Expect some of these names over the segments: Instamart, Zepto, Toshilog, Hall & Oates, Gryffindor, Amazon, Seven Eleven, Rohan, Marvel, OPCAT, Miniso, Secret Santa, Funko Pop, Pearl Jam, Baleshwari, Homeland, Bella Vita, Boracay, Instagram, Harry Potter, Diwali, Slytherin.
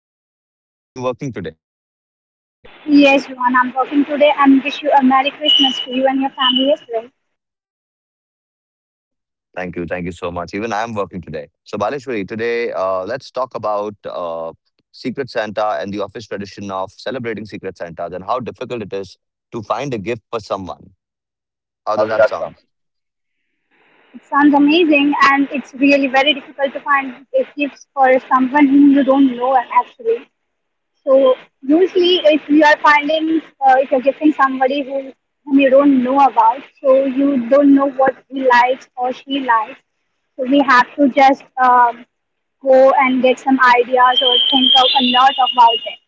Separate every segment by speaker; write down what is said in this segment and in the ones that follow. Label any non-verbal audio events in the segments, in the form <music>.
Speaker 1: family. Are you working today?
Speaker 2: Yes, Rohan, I'm working today and wish you a Merry Christmas to you and your family as well.
Speaker 1: Thank you so much. Even I'm working today. So, Baleshwari, today, let's talk about Secret Santa and the office tradition of celebrating Secret Santas and how difficult it is to find a gift for someone. How does that sound?
Speaker 2: It sounds amazing, and it's really very difficult to find a gift for someone whom you don't know actually. So usually if you are finding, if you're gifting somebody who, whom you don't know about, so you don't know what he likes or she likes. So we have to just go and get some ideas or think of a lot about it.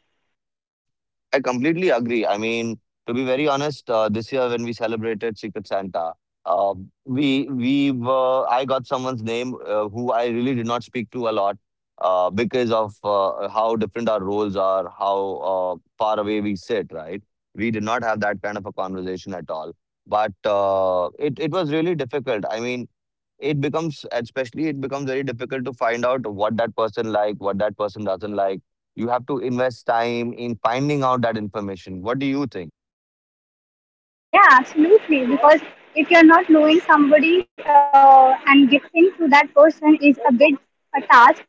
Speaker 1: I completely agree. I mean, to be very honest, this year when we celebrated Secret Santa, uh, we were I got someone's name who I really did not speak to a lot because of how different our roles are, how far away we sit. Right, we did not have that kind of a conversation at all. But it was really difficult. I mean, it becomes very difficult to find out what that person like, what that person doesn't like. You have to invest time in finding out that information. What do you think?
Speaker 2: Yeah, absolutely. Because if you're not knowing somebody and gifting to that person is a big a task,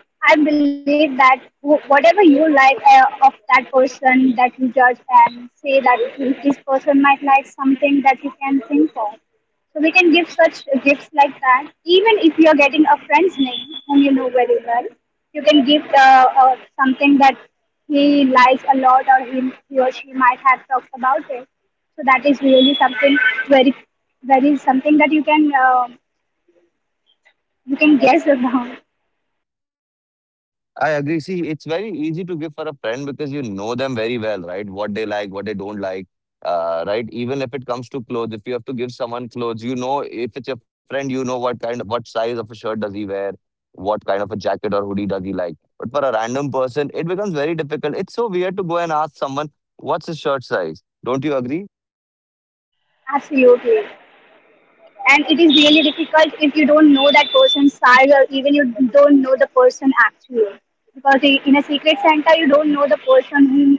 Speaker 2: but I believe that whatever you like of that person, that you judge and say that this person might like something that you can think of. So we can give such gifts like that. Even if you are getting a friend's name whom you know very well, you can give something that he likes a lot, or he or she might have talked about it. So that is really something very, very something that you can guess <laughs> about.
Speaker 1: I agree. See, it's very easy to give for a friend because you know them very well, right? What they like, what they don't like, right? Even if it comes to clothes, if you have to give someone clothes, you know, if it's your friend, you know what kind of, what size of a shirt does he wear, what kind of a jacket or hoodie does he like. But for a random person, it becomes very difficult. It's so weird to go and ask someone, what's his shirt size? Don't you agree?
Speaker 2: Absolutely. And it is really difficult if you don't know that person's size, or even you don't know the person actually, because in a Secret Santa you don't know the person whom,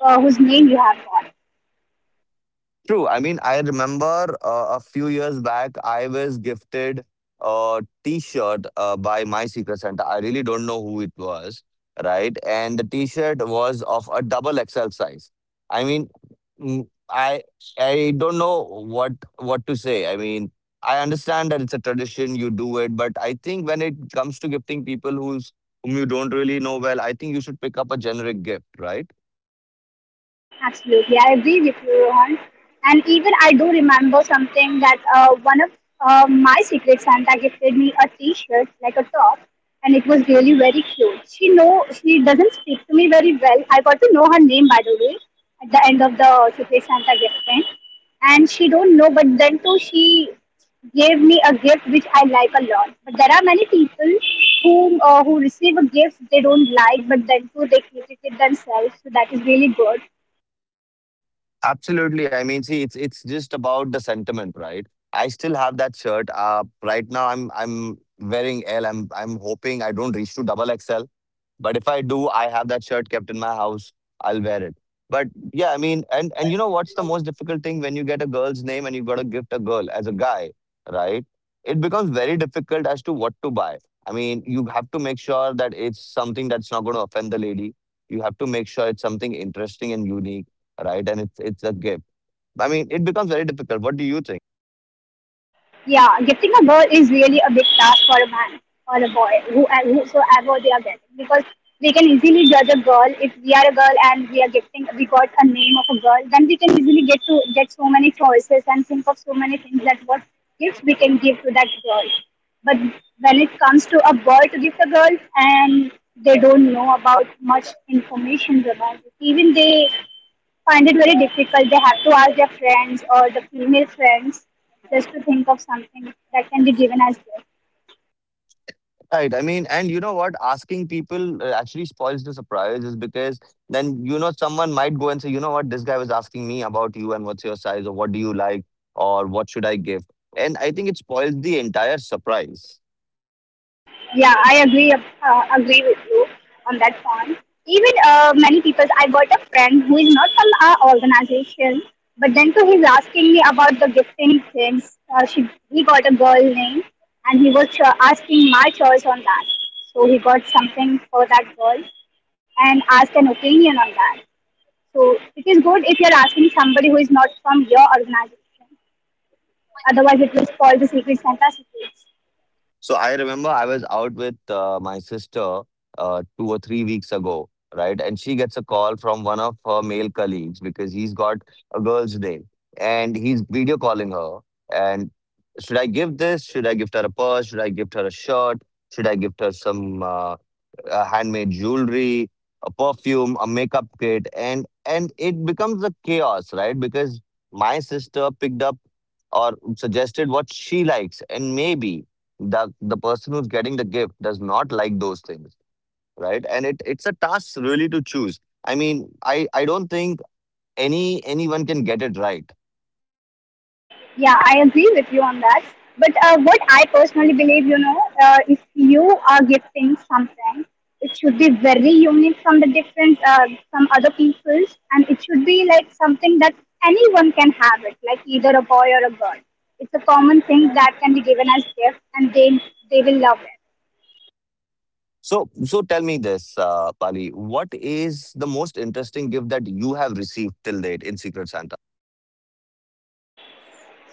Speaker 2: whose name you have got.
Speaker 1: True. I mean, I remember a few years back, I was gifted a T-shirt by my secret Santa. I really don't know who it was, right? And the T-shirt was of a double XL size. I mean, mm, I I don't know what to say. I mean, I understand that it's a tradition, you do it, but I think when it comes to gifting people who's whom you don't really know well, I think you should pick up a generic gift, right?
Speaker 2: Absolutely, I agree with you, Rohan. And even I do remember something that one of my Secret Santa gifted me a T-shirt, like a top, and it was really very cute. She know she doesn't speak to me very well. I got to know her name, by the way, at the end of the Secret Santa gifting, and she don't know. But then too, she gave me a gift which I like a lot. But there are many people who receive a gift they don't like, but then too they keep it with themselves. So that is really good.
Speaker 1: Absolutely. I mean, see, it's just about the sentiment, right? I still have that shirt. Right now, I'm wearing L. I'm hoping I don't reach to double XL. But if I do, I have that shirt kept in my house. I'll wear it. But yeah, I mean, and you know what's the most difficult thing when you get a girl's name and you've got to gift a girl as a guy, right? It becomes very difficult as to what to buy. I mean, you have to make sure that it's something that's not going to offend the lady. You have to make sure it's something interesting and unique, right? And it's a gift. I mean, it becomes very difficult. What do you think?
Speaker 2: Yeah, getting a girl is really a big task for a man or a boy, who, whosoever they are getting, because we can easily judge a girl if we are a girl, and we are getting we got a name of a girl, then we can easily get to get so many choices and think of so many things that what gifts we can give to that girl. But when it comes to a boy to gift a girl, and they don't know about much information about it. Even they find it very difficult. They have to ask their friends or the female friends just to think of something that can be given as gift.
Speaker 1: Right. I mean, and you know what? Asking people actually spoils the surprise, is because then, you know, someone might go and say, you know what, this guy was asking me about you and what's your size or what do you like or what should I give? And I think it spoils the entire surprise.
Speaker 2: Yeah, I agree agree with you on that point. Even many people, I got a friend who is not from our organization, but then too he's asking me about the gifting things. She He got a girl name, and he was asking my choice on that. So he got something for that girl, and asked an opinion on that. So it is good if you are asking somebody who is not from your organization. Otherwise, it will spoil the Secret Santa secrets.
Speaker 1: So I remember I was out with my sister 2 or 3 weeks ago, right? And she gets a call from one of her male colleagues because he's got a girl's day and he's video calling her. And should I give this? Should I gift her a purse? Should I gift her a shirt? Should I gift her some? Handmade jewelry, a perfume, a makeup kit, and it becomes a chaos, right? Because my sister picked up or suggested what she likes, and maybe the person who's getting the gift does not like those things, right? And it's a task really to choose. I mean, I don't think anyone can get it right.
Speaker 2: Yeah, I agree with you on that. But what I personally believe, you know, if you are gifting something, it should be very unique from the different, from other people's, and it should be like something that anyone can have it, like either a boy or a girl. It's a common thing that can be given as gift, and they will love it.
Speaker 1: So, so tell me this, Pali, what is the most interesting gift that you have received till date in Secret Santa?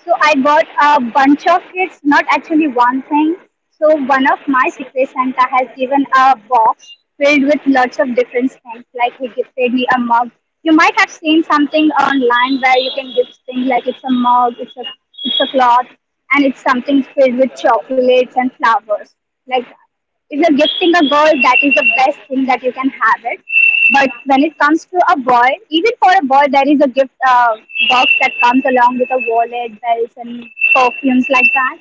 Speaker 2: So I got a bunch of kits, not actually one thing. So one of my Secret Santa has given a box filled with lots of different things. Like he gifted me a mug. You might have seen something online where you can gift things like it's a mug, it's a cloth, and it's something filled with chocolates and flowers. Like that. If you're gifting a girl, that is the best thing that you can have it. But when it comes to a boy, even for a boy, there is a gift box that comes along with a wallet, bells, and perfumes like that.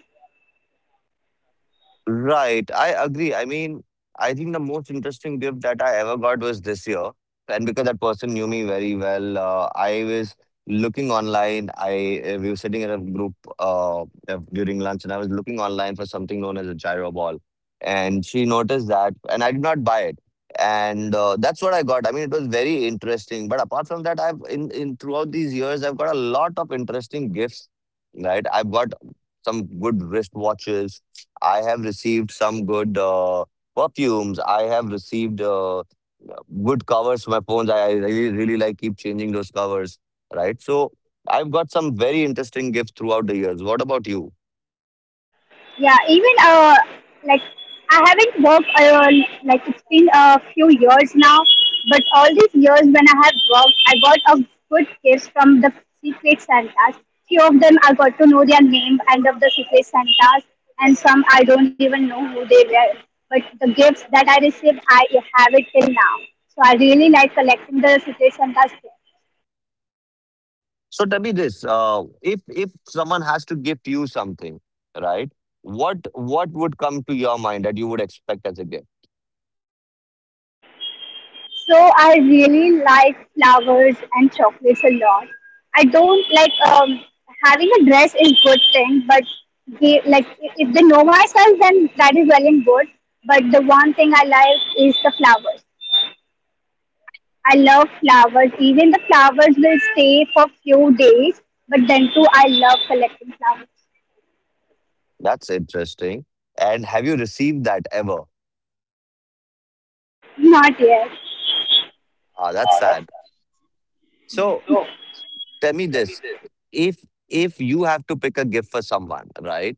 Speaker 1: Right. I agree. I mean, I think the most interesting gift that I ever got was this year. And because that person knew me very well, I was looking online. I We were sitting in a group during lunch, and I was looking online for something known as a gyro ball. And she noticed that, and I did not buy it. And that's what I got. I mean, it was very interesting. But apart from that, I've in throughout these years, I've got a lot of interesting gifts. Right. I've got some good wristwatches. I have received some good perfumes. I have received good covers for my phones. I really, really like keep changing those covers, right? So I've got some very interesting gifts throughout the years. What about you?
Speaker 2: Yeah, even like I haven't worked alone. Like it's been a few years now, but all these years when I have worked, I got a good gifts from the Secret Santas. Few of them I got to know their name and of the Secret Santas, and some I don't even know who they were. But the gifts that I received, I have it till now. So I really like collecting the Secret Santas.
Speaker 1: So tell me this: if someone has to gift you something, right? What would come to your mind that you would expect as a gift?
Speaker 2: So I really like flowers and chocolates a lot. I don't like having a dress is good thing, but they, like if they know myself, then that is well and good. But the one thing I like is the flowers. I love flowers. Even the flowers will stay for few days, but then too I love collecting flowers.
Speaker 1: That's interesting. And have you received that ever?
Speaker 2: Not yet.
Speaker 1: Ah, that's sad. So tell me this, if you have to pick a gift for someone, right?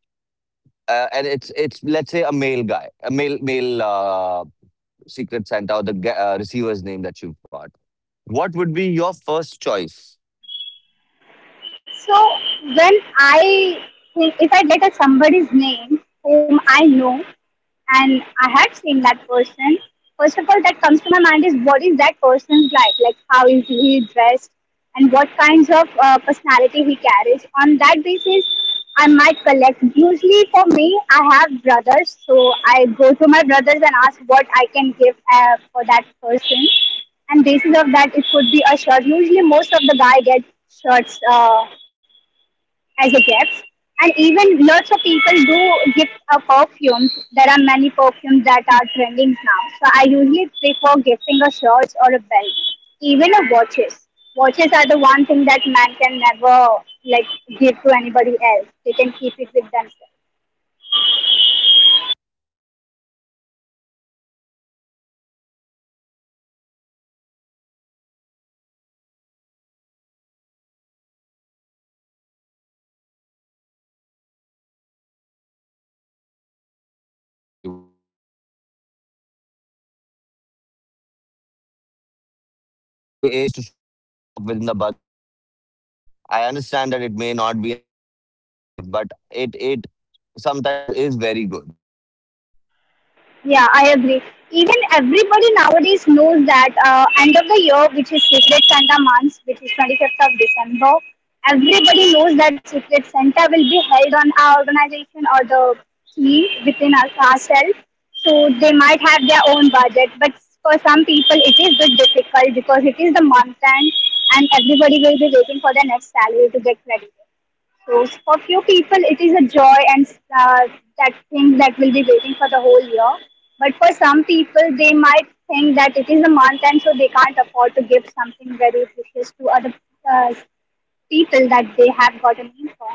Speaker 1: and it's, let's say, a male guy, a male secret santa, or the receiver's name that you've got, what would be your first choice?
Speaker 2: So when I if I get a somebody's name whom I know and I have seen that person, first of all that comes to my mind is what is that person's like? Like how is he dressed, and what kinds of personality he carries. On that basis, I might collect. Usually for me, I have brothers, so I go to my brothers and ask what I can give for that person, and basis of that it could be a shirt. Usually most of the guy gets shirts as a gift. And even lots of people do gift a perfume. There are many perfumes that are trending now. So I usually prefer gifting a shirt or a belt, even a watches. Watches are the one thing that man can never like give to anybody else. They can keep it with themselves.
Speaker 1: I agree. I mean, when it comes to watches, even the one of the most low quality watches, I like to collect them. I have got a few because you know in offices we've got a constraint of a budget, right? 500 rupees or ten, sorry, 1,000, not 10,000, 1,000 rupees, right? And if someone has to shop within the budget, I mean, I understand that it may not be an extravagant gift, but it sometimes is very good.
Speaker 2: Yeah, I agree. Even everybody nowadays knows that end of the year, which is Secret Santa month, which is 25th of December, everybody knows that Secret Santa will be held on our organization or the team within our, ourselves. So they might have their own budget, but for some people it is bit difficult because it is the month end, and everybody will be waiting for their next salary to get credited. So for few people, it is a joy, and uh, that thing that will be waiting for the whole year. But for some people, they might think that it is a month, and so they can't afford to give something very precious to other uh, people that they have got a name for.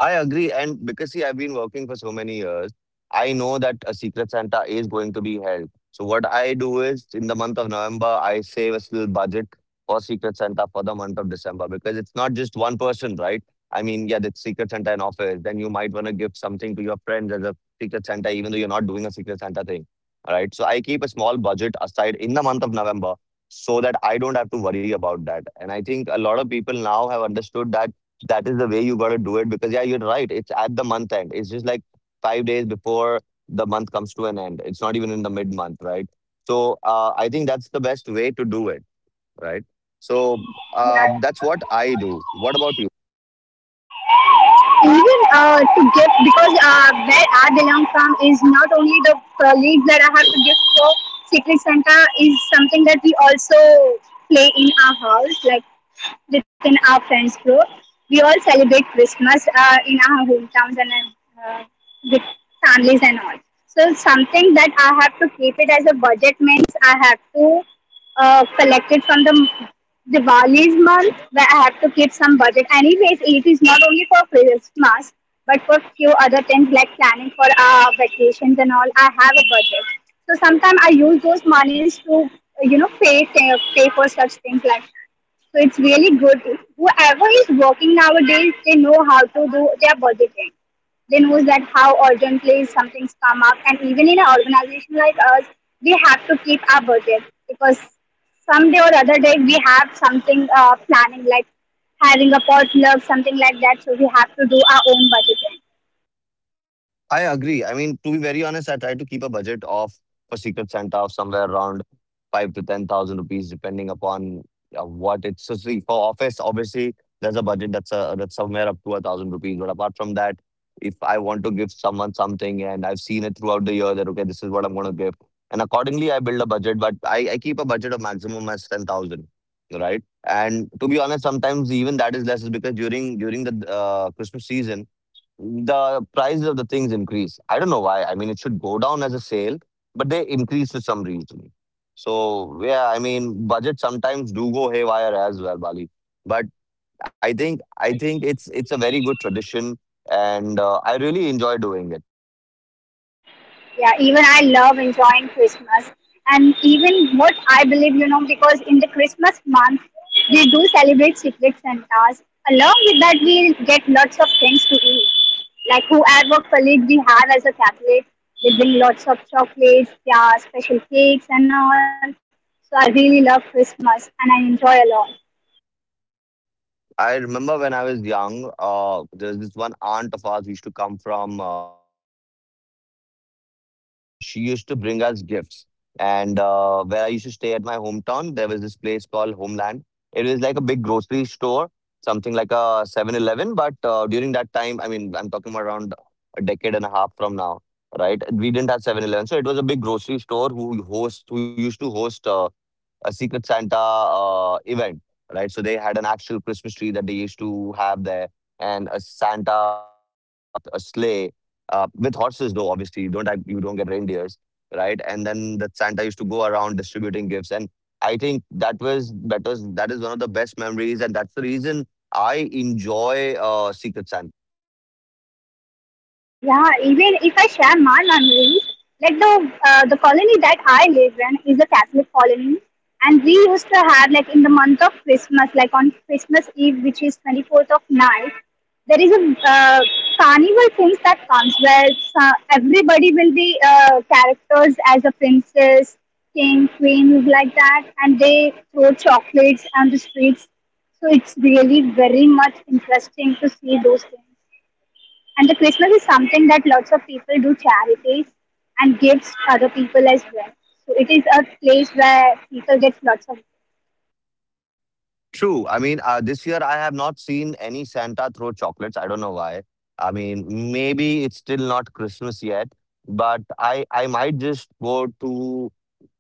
Speaker 1: I agree. And because, see, I've been working for so many years, I know that a Secret Santa is going to be held. So, what I do is in the month of November, I save a little budget for Secret Santa for the month of December because it's not just one person, right? I mean, yeah, that's Secret Santa in office. Then you might want to give something to your friends as a Secret Santa, even though you're not doing a Secret Santa thing. All right. So, I keep a small budget aside in the month of November so that I don't have to worry about that. And I think a lot of people now have understood that that is the way you got to do it, because yeah, you're right, it's at the month end. It's just like 5 days before the month comes to an end. It's not even in the mid month, right? So I think that's the best way to do it, right? So
Speaker 2: Yeah.
Speaker 1: that's what I do. What about?
Speaker 2: Even to give, because where I belong from is not only the colleagues that I have to give for. Secret Santa is something that we also play in our house, like within our friends group. We all celebrate Christmas in our hometowns, and uh, with families and all. So something that I have to keep it as a budget means I have to collected from the Diwali's month, where I have to keep some budget. Anyways, it is not only for Christmas, but for few other things like planning for our vacations and all. I have a budget, so sometimes I use those monies to, you know, pay for such things like. So it's really good. Whoever is working nowadays, they know how to do their budgeting. They knows that how urgently something's come up, and even in an organization like us, we have to keep our budget, because someday or other day we have something planning like having a potluck, something like that. So we have to do our own budgeting.
Speaker 1: I agree. I mean, to be very honest, I try to keep a budget of for Secret Santa of somewhere around 5 to 10,000 rupees, depending upon what it's. So see, for office, obviously, there's a budget that's somewhere up to a thousand rupees. But apart from that, if I want to give someone something and I've seen it throughout the year, that okay, this is what I'm going to give, and accordingly, I build a budget. But I keep a budget of maximum as 10,000, right? And to be honest, sometimes even that is less, is because during the Christmas season the price of the things increase. I don't know why. I mean, it should go down as a sale, but they increase for some reason. So yeah, I mean, budget sometimes do go haywire as well, Bali. But I think it's a very good tradition, and I really enjoy doing it.
Speaker 2: Yeah, even I love enjoying Christmas, and even what I believe, you know, because in the Christmas month we do celebrate Secret Santas, along with that we get lots of things to eat, like whoever colleague we have as a Catholic, they bring lots of chocolates, yeah, special cakes and all. So I really love Christmas and I enjoy a lot.
Speaker 1: I remember when I was young, there's this one aunt of ours who used to come from Indonesia, right? And she used to bring us gifts. And where I used to stay at my hometown, there was this place called Homeland. It was like a big grocery store, something like a Seven Eleven. But during that time, I mean, I'm talking about around a decade and a half from now, right? We didn't have Seven Eleven, so it was a big grocery store who who used to host a Secret Santa event, right? So they had an actual Christmas tree that they used to have there, and a Santa with a sleigh, with horses though. Obviously, you don't get reindeers, right? And then the Santa used to go around distributing gifts, and I think that is one of the best memories, and that's the reason I enjoy Secret Santa.
Speaker 2: Yeah, even if I share my memories, like the colony that I live in is a Catholic colony, and we used to have like in the month of Christmas, like on Christmas Eve, which is 24th of night, there is a uh, carnival things that comes where everybody will be characters as a princess, king, queen, like that, and they throw chocolates on the streets. So it's really very much interesting to see those things. And the Christmas is something that lots of people do charities and gives other people as well. So it is a place where people get lots of.
Speaker 1: True. I mean, this year I have not seen any Santa throw chocolates. I don't know why. I mean, maybe it's still not Christmas yet, but I might just go to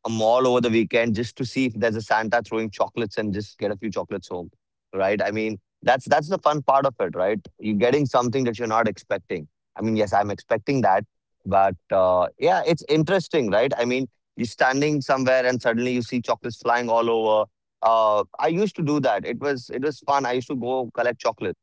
Speaker 1: a mall over the weekend just to see if there's a Santa throwing chocolates and just get a few chocolates home, right? I mean, that's the fun part of it, right? You're getting something that you're not expecting. I mean, yes, I'm expecting that, but yeah, it's interesting, right? I mean, you're standing somewhere and suddenly you see chocolates flying all over. I used to do that. It was fun. I used to go collect chocolates.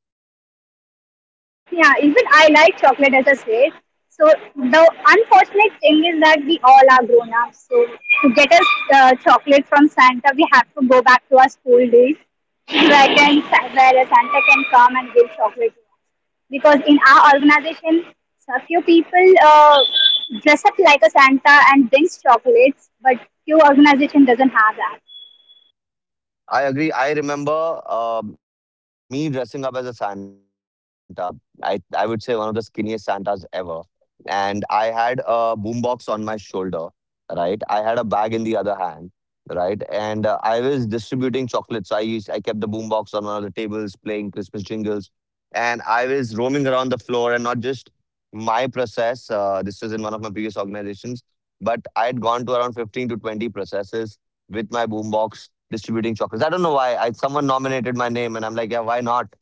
Speaker 2: Yeah, even I like chocolate as a said. So the unfortunate thing is that we all are grown up. So to get us chocolate from Santa, we have to go back to our school days, <laughs> where can where a Santa can come and give chocolate to us. Because in our organization, so a few people dress up like a Santa and brings chocolates, but few organization doesn't have that.
Speaker 1: I agree. I remember me dressing up as a Santa. Uh, I would say one of the skinniest Santas ever, and I had a boombox on my shoulder, right? I had a bag in the other hand, right? And I was distributing chocolates. So I kept the boombox on one of the tables, playing Christmas jingles, and I was roaming around the floor. And not just my process. This was in one of my previous organizations, but I had gone to around 15 to 20 processes with my boombox distributing chocolates. I don't know why. I Someone nominated my name, and I'm like, yeah, why not?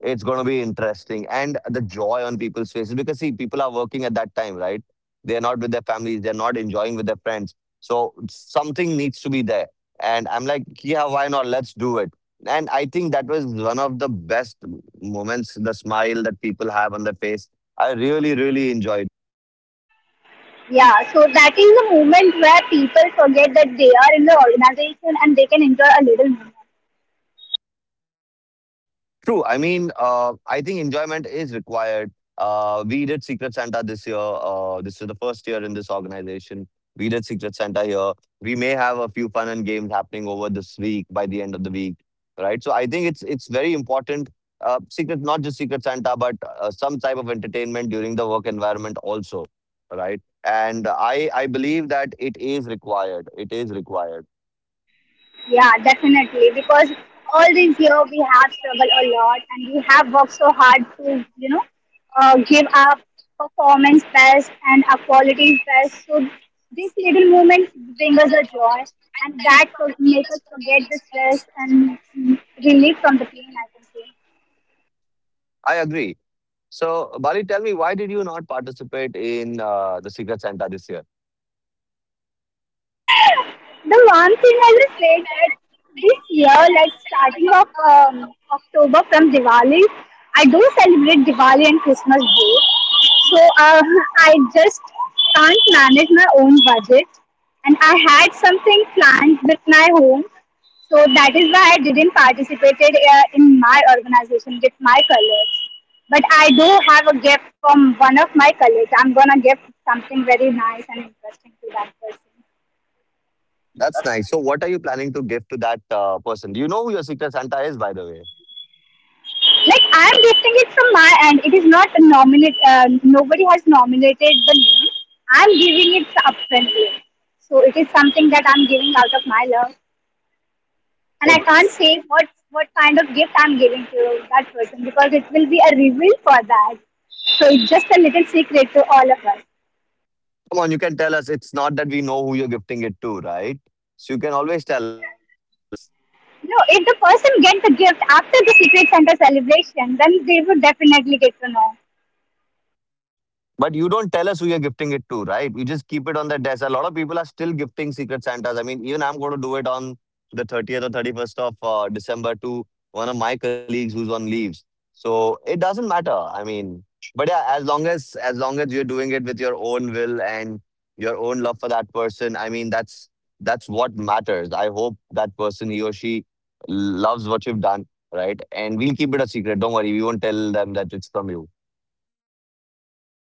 Speaker 1: It's going to be interesting, and the joy on people's faces, because see, people are working at that time, right? They're not with their families. They're not enjoying with their friends. So something needs to be there, and I'm like, yeah, why not? Let's do it. And I think that was one of the best moments. The smile that people have on their face. I really, really enjoyed.
Speaker 2: Yeah, so that is the moment where people forget that they are in the organization and they can enjoy a little more.
Speaker 1: True. I mean, I think enjoyment is required. We did Secret Santa this year. This is the first year in this organization. We did Secret Santa here. We may have a few fun and games happening over this week by the end of the week, right? So I think it's very important. Not just Secret Santa, but some type of entertainment during the work environment also, right? And I believe that it is required. It is required.
Speaker 2: Yeah, definitely. Because all these year we have struggled a lot and we have worked so hard to, give our performance best and our qualities best. So these little moments bring us a joy and that make us forget the stress and relief from the pain, I can say.
Speaker 1: I agree. So, Bali, tell me, why did you not participate in the Secret Santa this year?
Speaker 2: The one thing I will say that this year, like starting of October from Diwali, I do celebrate Diwali and Christmas both. So uh, <laughs> I just can't manage my own budget, and I had something planned with my home. So that is why I didn't participate in my organization with my colors. But I do have a gift from one of my colleagues. I'm gonna give something very nice and interesting to that person.
Speaker 1: That's nice. So, what are you planning to give to that person? Do you know who your Secret Santa is, by the way?
Speaker 2: Like I'm gifting it from my end. It is not nominate. Nobody has nominated the name. I'm giving it up upfrontly. So it is something that I'm giving out of my love, and I
Speaker 1: Oh,
Speaker 2: can't say what kind of gift I'm giving to that person because it will be a reveal for that. So it's just a little secret to all of us.
Speaker 1: come on, you can tell us. It's not that we know who you're gifting it to, right? So, you can always tell us.
Speaker 2: No, if the person get the gift after the secret Santa celebration, then they would definitely get to know.
Speaker 1: But you don't tell us who you're gifting it to, right? You just keep it on the desk. A lot of people are still gifting Secret Santas. I mean, even I'm going to do it on the 30th or 31st of December to one of my colleagues who's on leaves. So it doesn't matter. I mean, but yeah, as long as you're doing it with your own will and your own love for that person, I mean, that's what matters. I hope that person, he or she, loves what you've done, right? And we'll keep it a secret. Don't worry, we won't tell them that it's from you.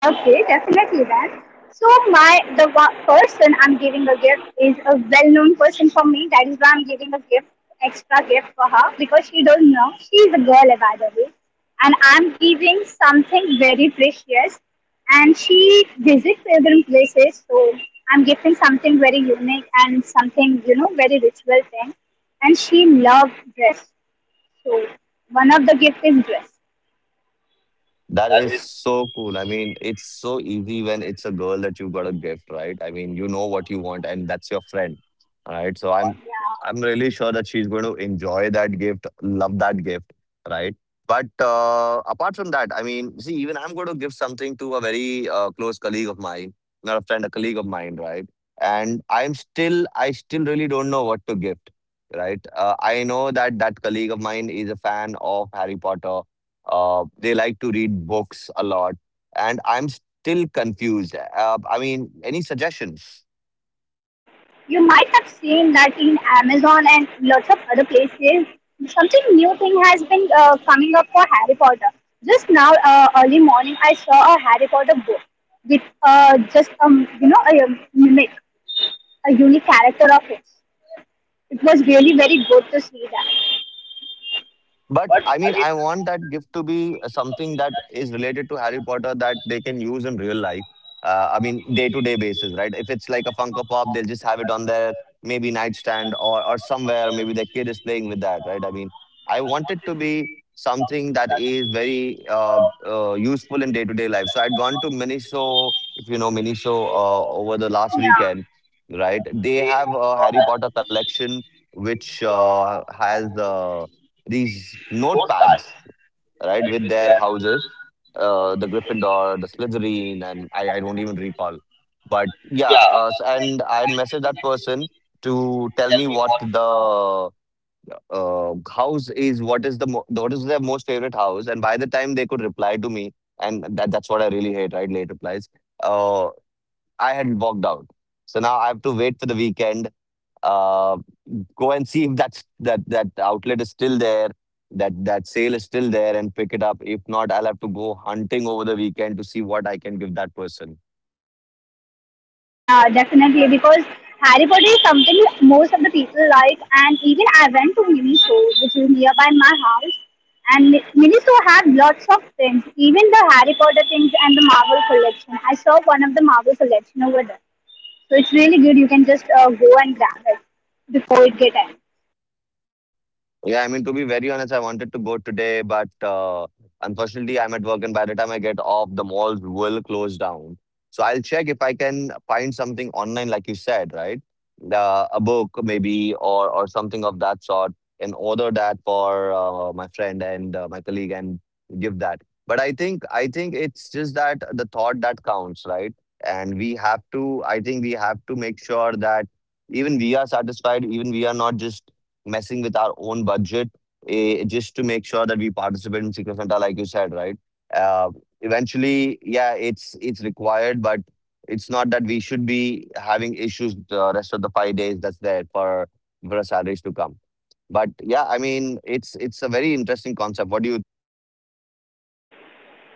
Speaker 2: Okay, definitely then. So person I'm giving a gift is a well-known person for me. That is why I'm giving a gift, extra gift for her because she don't know. She's a girl, eh, by the way, and I'm giving something very precious. And she visits pilgrim places, so I'm giving something very unique and something you know very ritual thing. And she loves dress, so one of the gift is dress.
Speaker 1: That is so cool. I mean, it's so easy when it's a girl that you've got a gift, right? I mean, you know what you want, and that's your friend, right? So I'm
Speaker 2: Yeah.
Speaker 1: really sure that she's going to enjoy that gift, love that gift, right? But apart from that, I mean, see, even I'm going to give something to a very close colleague of mine, not a friend, a colleague of mine, right? And I still really don't know what to gift, right? I know that that colleague of mine is a fan of Harry Potter, they like to read books a lot, and I'm still confused. I mean, any suggestions?
Speaker 2: You might have seen that in Amazon and lots of other places. Something new thing has been coming up for Harry Potter. Just now, early morning, I saw a Harry Potter book with just you know a mimic, a unique character of it. It was really very good to see that.
Speaker 1: But I mean, I want that gift to be something that is related to Harry Potter that they can use in real life. I mean, day to day basis, right? If it's like a Funko Pop, they'll just have it on their maybe nightstand, or somewhere. Maybe their kid is playing with that, right? I mean, I want it to be something that is very useful in day to day life. So I'd gone to Miniso, if you know Miniso, over the last weekend, right? They have a Harry Potter collection which has. These notepads, right, with their houses, the Gryffindor, the Slytherin, and I don't even recall. But yeah, and I had messaged that person to tell me what the house is, what is the what is their most favorite house, and by the time they could reply to me, and that's what I really hate, right, late replies. Uh, I had walked out, so now I have to wait for the weekend uh, go and see if that outlet is still there, that sale is still there, and pick it up. If not, I'll have to go hunting over the weekend to see what I can give that person.
Speaker 2: Yeah, definitely. Because Harry Potter is something most of the people like, and even I went to Miniso, which is nearby my house. And Miniso have lots of things, even the Harry Potter things and the Marvel collection. I saw one of the Marvel collection over there, so it's really good. You can just go and grab it before it get end.
Speaker 1: Yeah, I mean, to be very honest, I wanted to go today, but unfortunately, I'm at work, and by the time I get off, the malls will close down. So I'll check if I can find something online, like you said, right? A book maybe, or something of that sort, and order that for my friend and my colleague, and give that. But I think it's just that the thought that counts, right? And we have to, I think we have to make sure that even we are satisfied, even we are not just messing with our own budget, just to make sure that we participate in Secret Santa, like you said, right? Uh, Eventually, yeah, it's required, but it's not that we should be having issues the rest of the 5 days that's there for our salaries to come. But yeah, I mean, it's a very interesting concept. What do you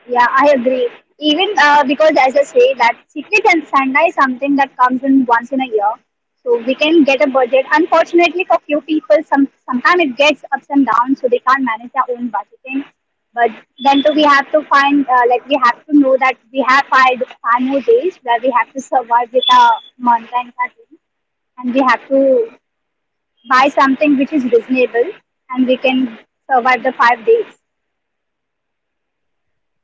Speaker 2: Yeah, I agree. Even because, as I say, that Secret and Santa is something that comes in once in a year. So we can get a budget. Unfortunately, for few people, sometimes it gets ups and downs, so they can't manage their own budgeting. But then too, we have to find, like, we have to know that we have five more days where we have to survive with our month and our dream. And we have to buy something which is reasonable and we can survive the 5 days.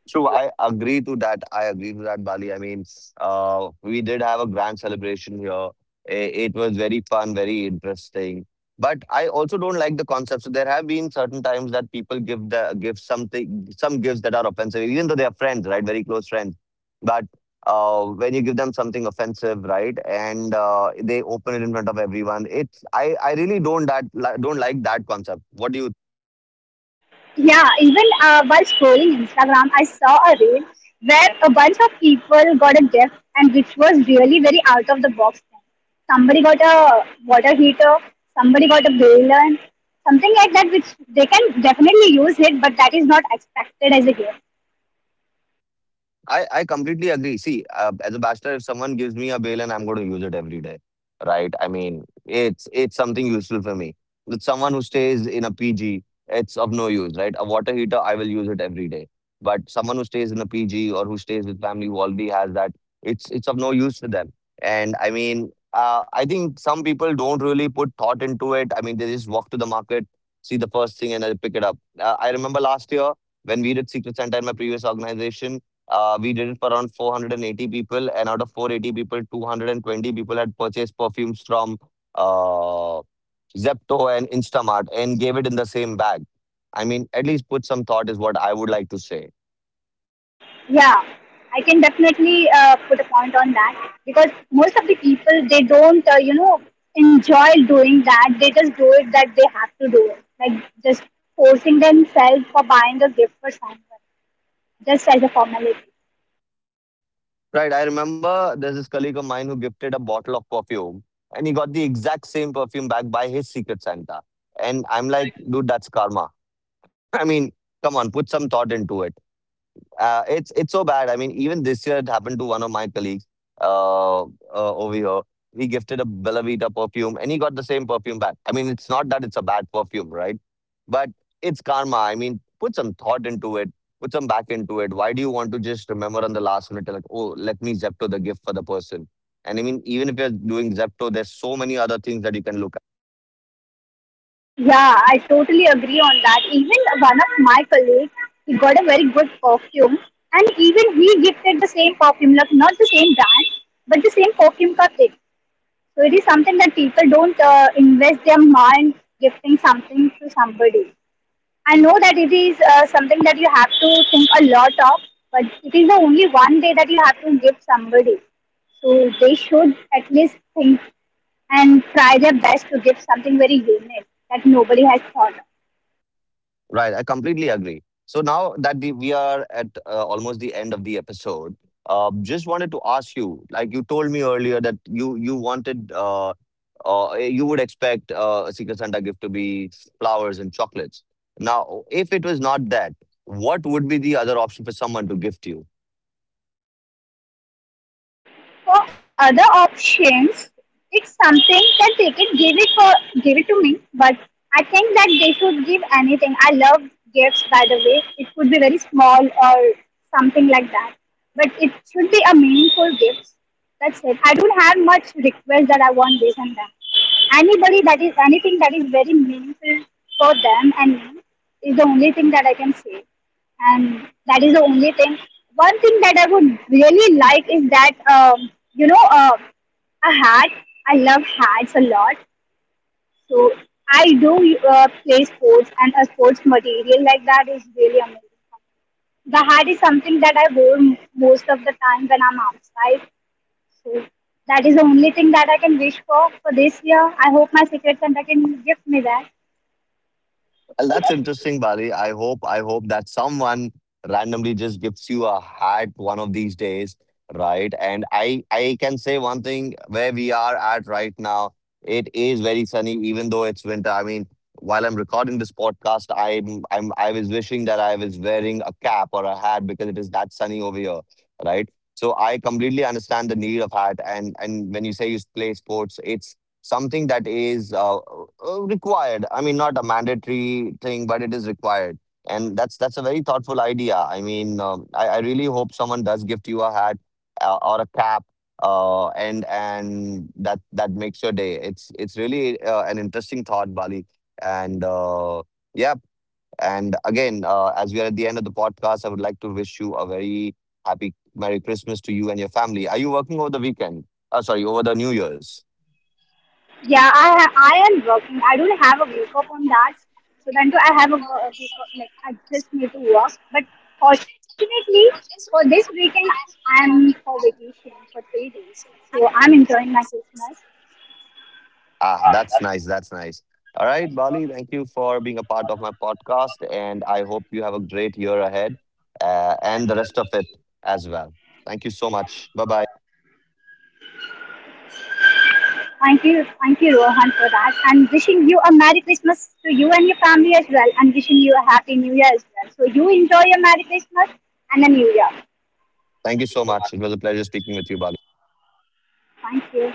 Speaker 1: True, I agree to that. I agree to that, Bali. I mean, we did have a grand celebration here. It was very fun, very interesting. But I also don't like the concept. So there have been certain times that people give something, some gifts that are offensive, even though they are friends, right? Very close friends. But when you give them something offensive, right, and they open it in front of everyone, it's I really don't don't like that concept. What do you
Speaker 2: Yeah, even while scrolling Instagram, I saw a reel where a bunch of people got a gift, and which was really very out of the box. Thing. Somebody got a water heater, somebody got a balloon, something like that, which they can definitely use it, but that is not expected as a gift.
Speaker 1: I I completely agree. See, as a bachelor, if someone gives me a bail and I'm going to use it every day, right? I mean, it's something useful for me. With someone who stays in a PG, it's of no use, right? A water heater, I will use it every day. But someone who stays in a PG or who stays with family who already has that, it's of no use for them. And I mean, I think some people don't really put thought into it. I mean, they just walk to the market, see the first thing, and they pick it up. I remember last year when we did Secret Santa in my previous organization, we did it for around 480 people, and out of 480 people, 220 people had purchased perfumes from uh, Zepto and Instamart and gave it in the same bag. I mean, at least put some thought is what I would like to say.
Speaker 2: Yeah, I can definitely put a point on that because most of the people they don't you know enjoy doing that. They just do it that they have to do it, like just forcing themselves for buying a gift for someone just as a formality.
Speaker 1: Right. I remember there's this colleague of mine who gifted a bottle of perfume and he got the exact same perfume back by his secret Santa. And I'm like, dude, that's karma. <laughs> I mean, come on, put some thought into it. It's so bad. I mean, even this year it happened to one of my colleagues uh, uh, over here. He gifted a Bella Vita perfume, and he got the same perfume back. I mean, it's not that it's a bad perfume, right? But it's karma. I mean, put some thought into it, put some back into it. Why do you want to just remember on the last minute, like, oh, let me Zepto the gift for the person? And I mean, even if you're doing Zepto, there's so many other things that you can look
Speaker 2: Yeah, I totally agree on that. Even one of my colleagues, he got a very good perfume, and even he gifted the same perfume, like not the same brand, but the same perfume का kit. So it is something that people don't invest their mind gifting something to somebody. I know that it is something that you have to think a lot of, but it is the only one day that you have to give somebody. So they should at least think and try their best to give something very unique that nobody has thought of.
Speaker 1: Right, I completely agree. So now that we are at almost the end of the episode, just wanted to ask you, like you told me earlier that you wanted you would expect a Secret Santa gift to be flowers and chocolates. Now, if it was not that, what would be the other option for someone to gift you?
Speaker 2: For other options, it's something that they can give it to me, but I think that they should give anything. I love gifts by the way. It could be very small or something like that. But it should be a meaningful gift. That's it. I don't have much request that I want this and that. Anybody that is anything that is very meaningful for them and me is the only thing that I can say and that is the only thing. One thing that I would really like is that you know a hat. I love hats a lot, so I do play sports, and a sports material like that is really amazing. The hat is something that I wore most of the time when I'm outside, so that is the only thing that I can wish for this year. I hope my secret Santa can gift me that.
Speaker 1: Well, that's interesting, Bali. I hope that someone randomly just gives you a hat one of these days, right? And I can say one thing, where we are at right now, it is very sunny, even though it's winter. I mean, while I'm recording this podcast, I was wishing that I was wearing a cap or a hat because it is that sunny over here, right? So I completely understand the need of hat, and when you say you play sports, it's something that is required. I mean, not a mandatory thing, but it is required, and that's a very thoughtful idea. I mean, I really hope someone does gift you a hat or a cap, and that that makes your day. It's really an interesting thought, Bali, and yeah. And again, as we are at the end of the podcast, I would like to wish you a very happy merry Christmas to you and your family. Are you working over the weekend, sorry, over the new year's?
Speaker 2: Yeah, I am working. I don't have a wake up on that. So then too, I have a a wake up like I just need to work. But fortunately, for this weekend, I'm for vacation for 3 days. So I'm enjoying my Christmas.
Speaker 1: Ah, that's nice. That's nice. All right, Bali, thank you for being a part of my podcast. And I hope you have a great year ahead, and the rest of it as well. Thank you so much. Bye bye.
Speaker 2: Thank you, Rohan, for that. And wishing you a Merry Christmas to you and your family as well, and wishing you a Happy New Year as well. So you enjoy your Merry Christmas and a New Year.
Speaker 1: Thank you so much. It was a pleasure speaking with you, Bali.
Speaker 2: Thank you.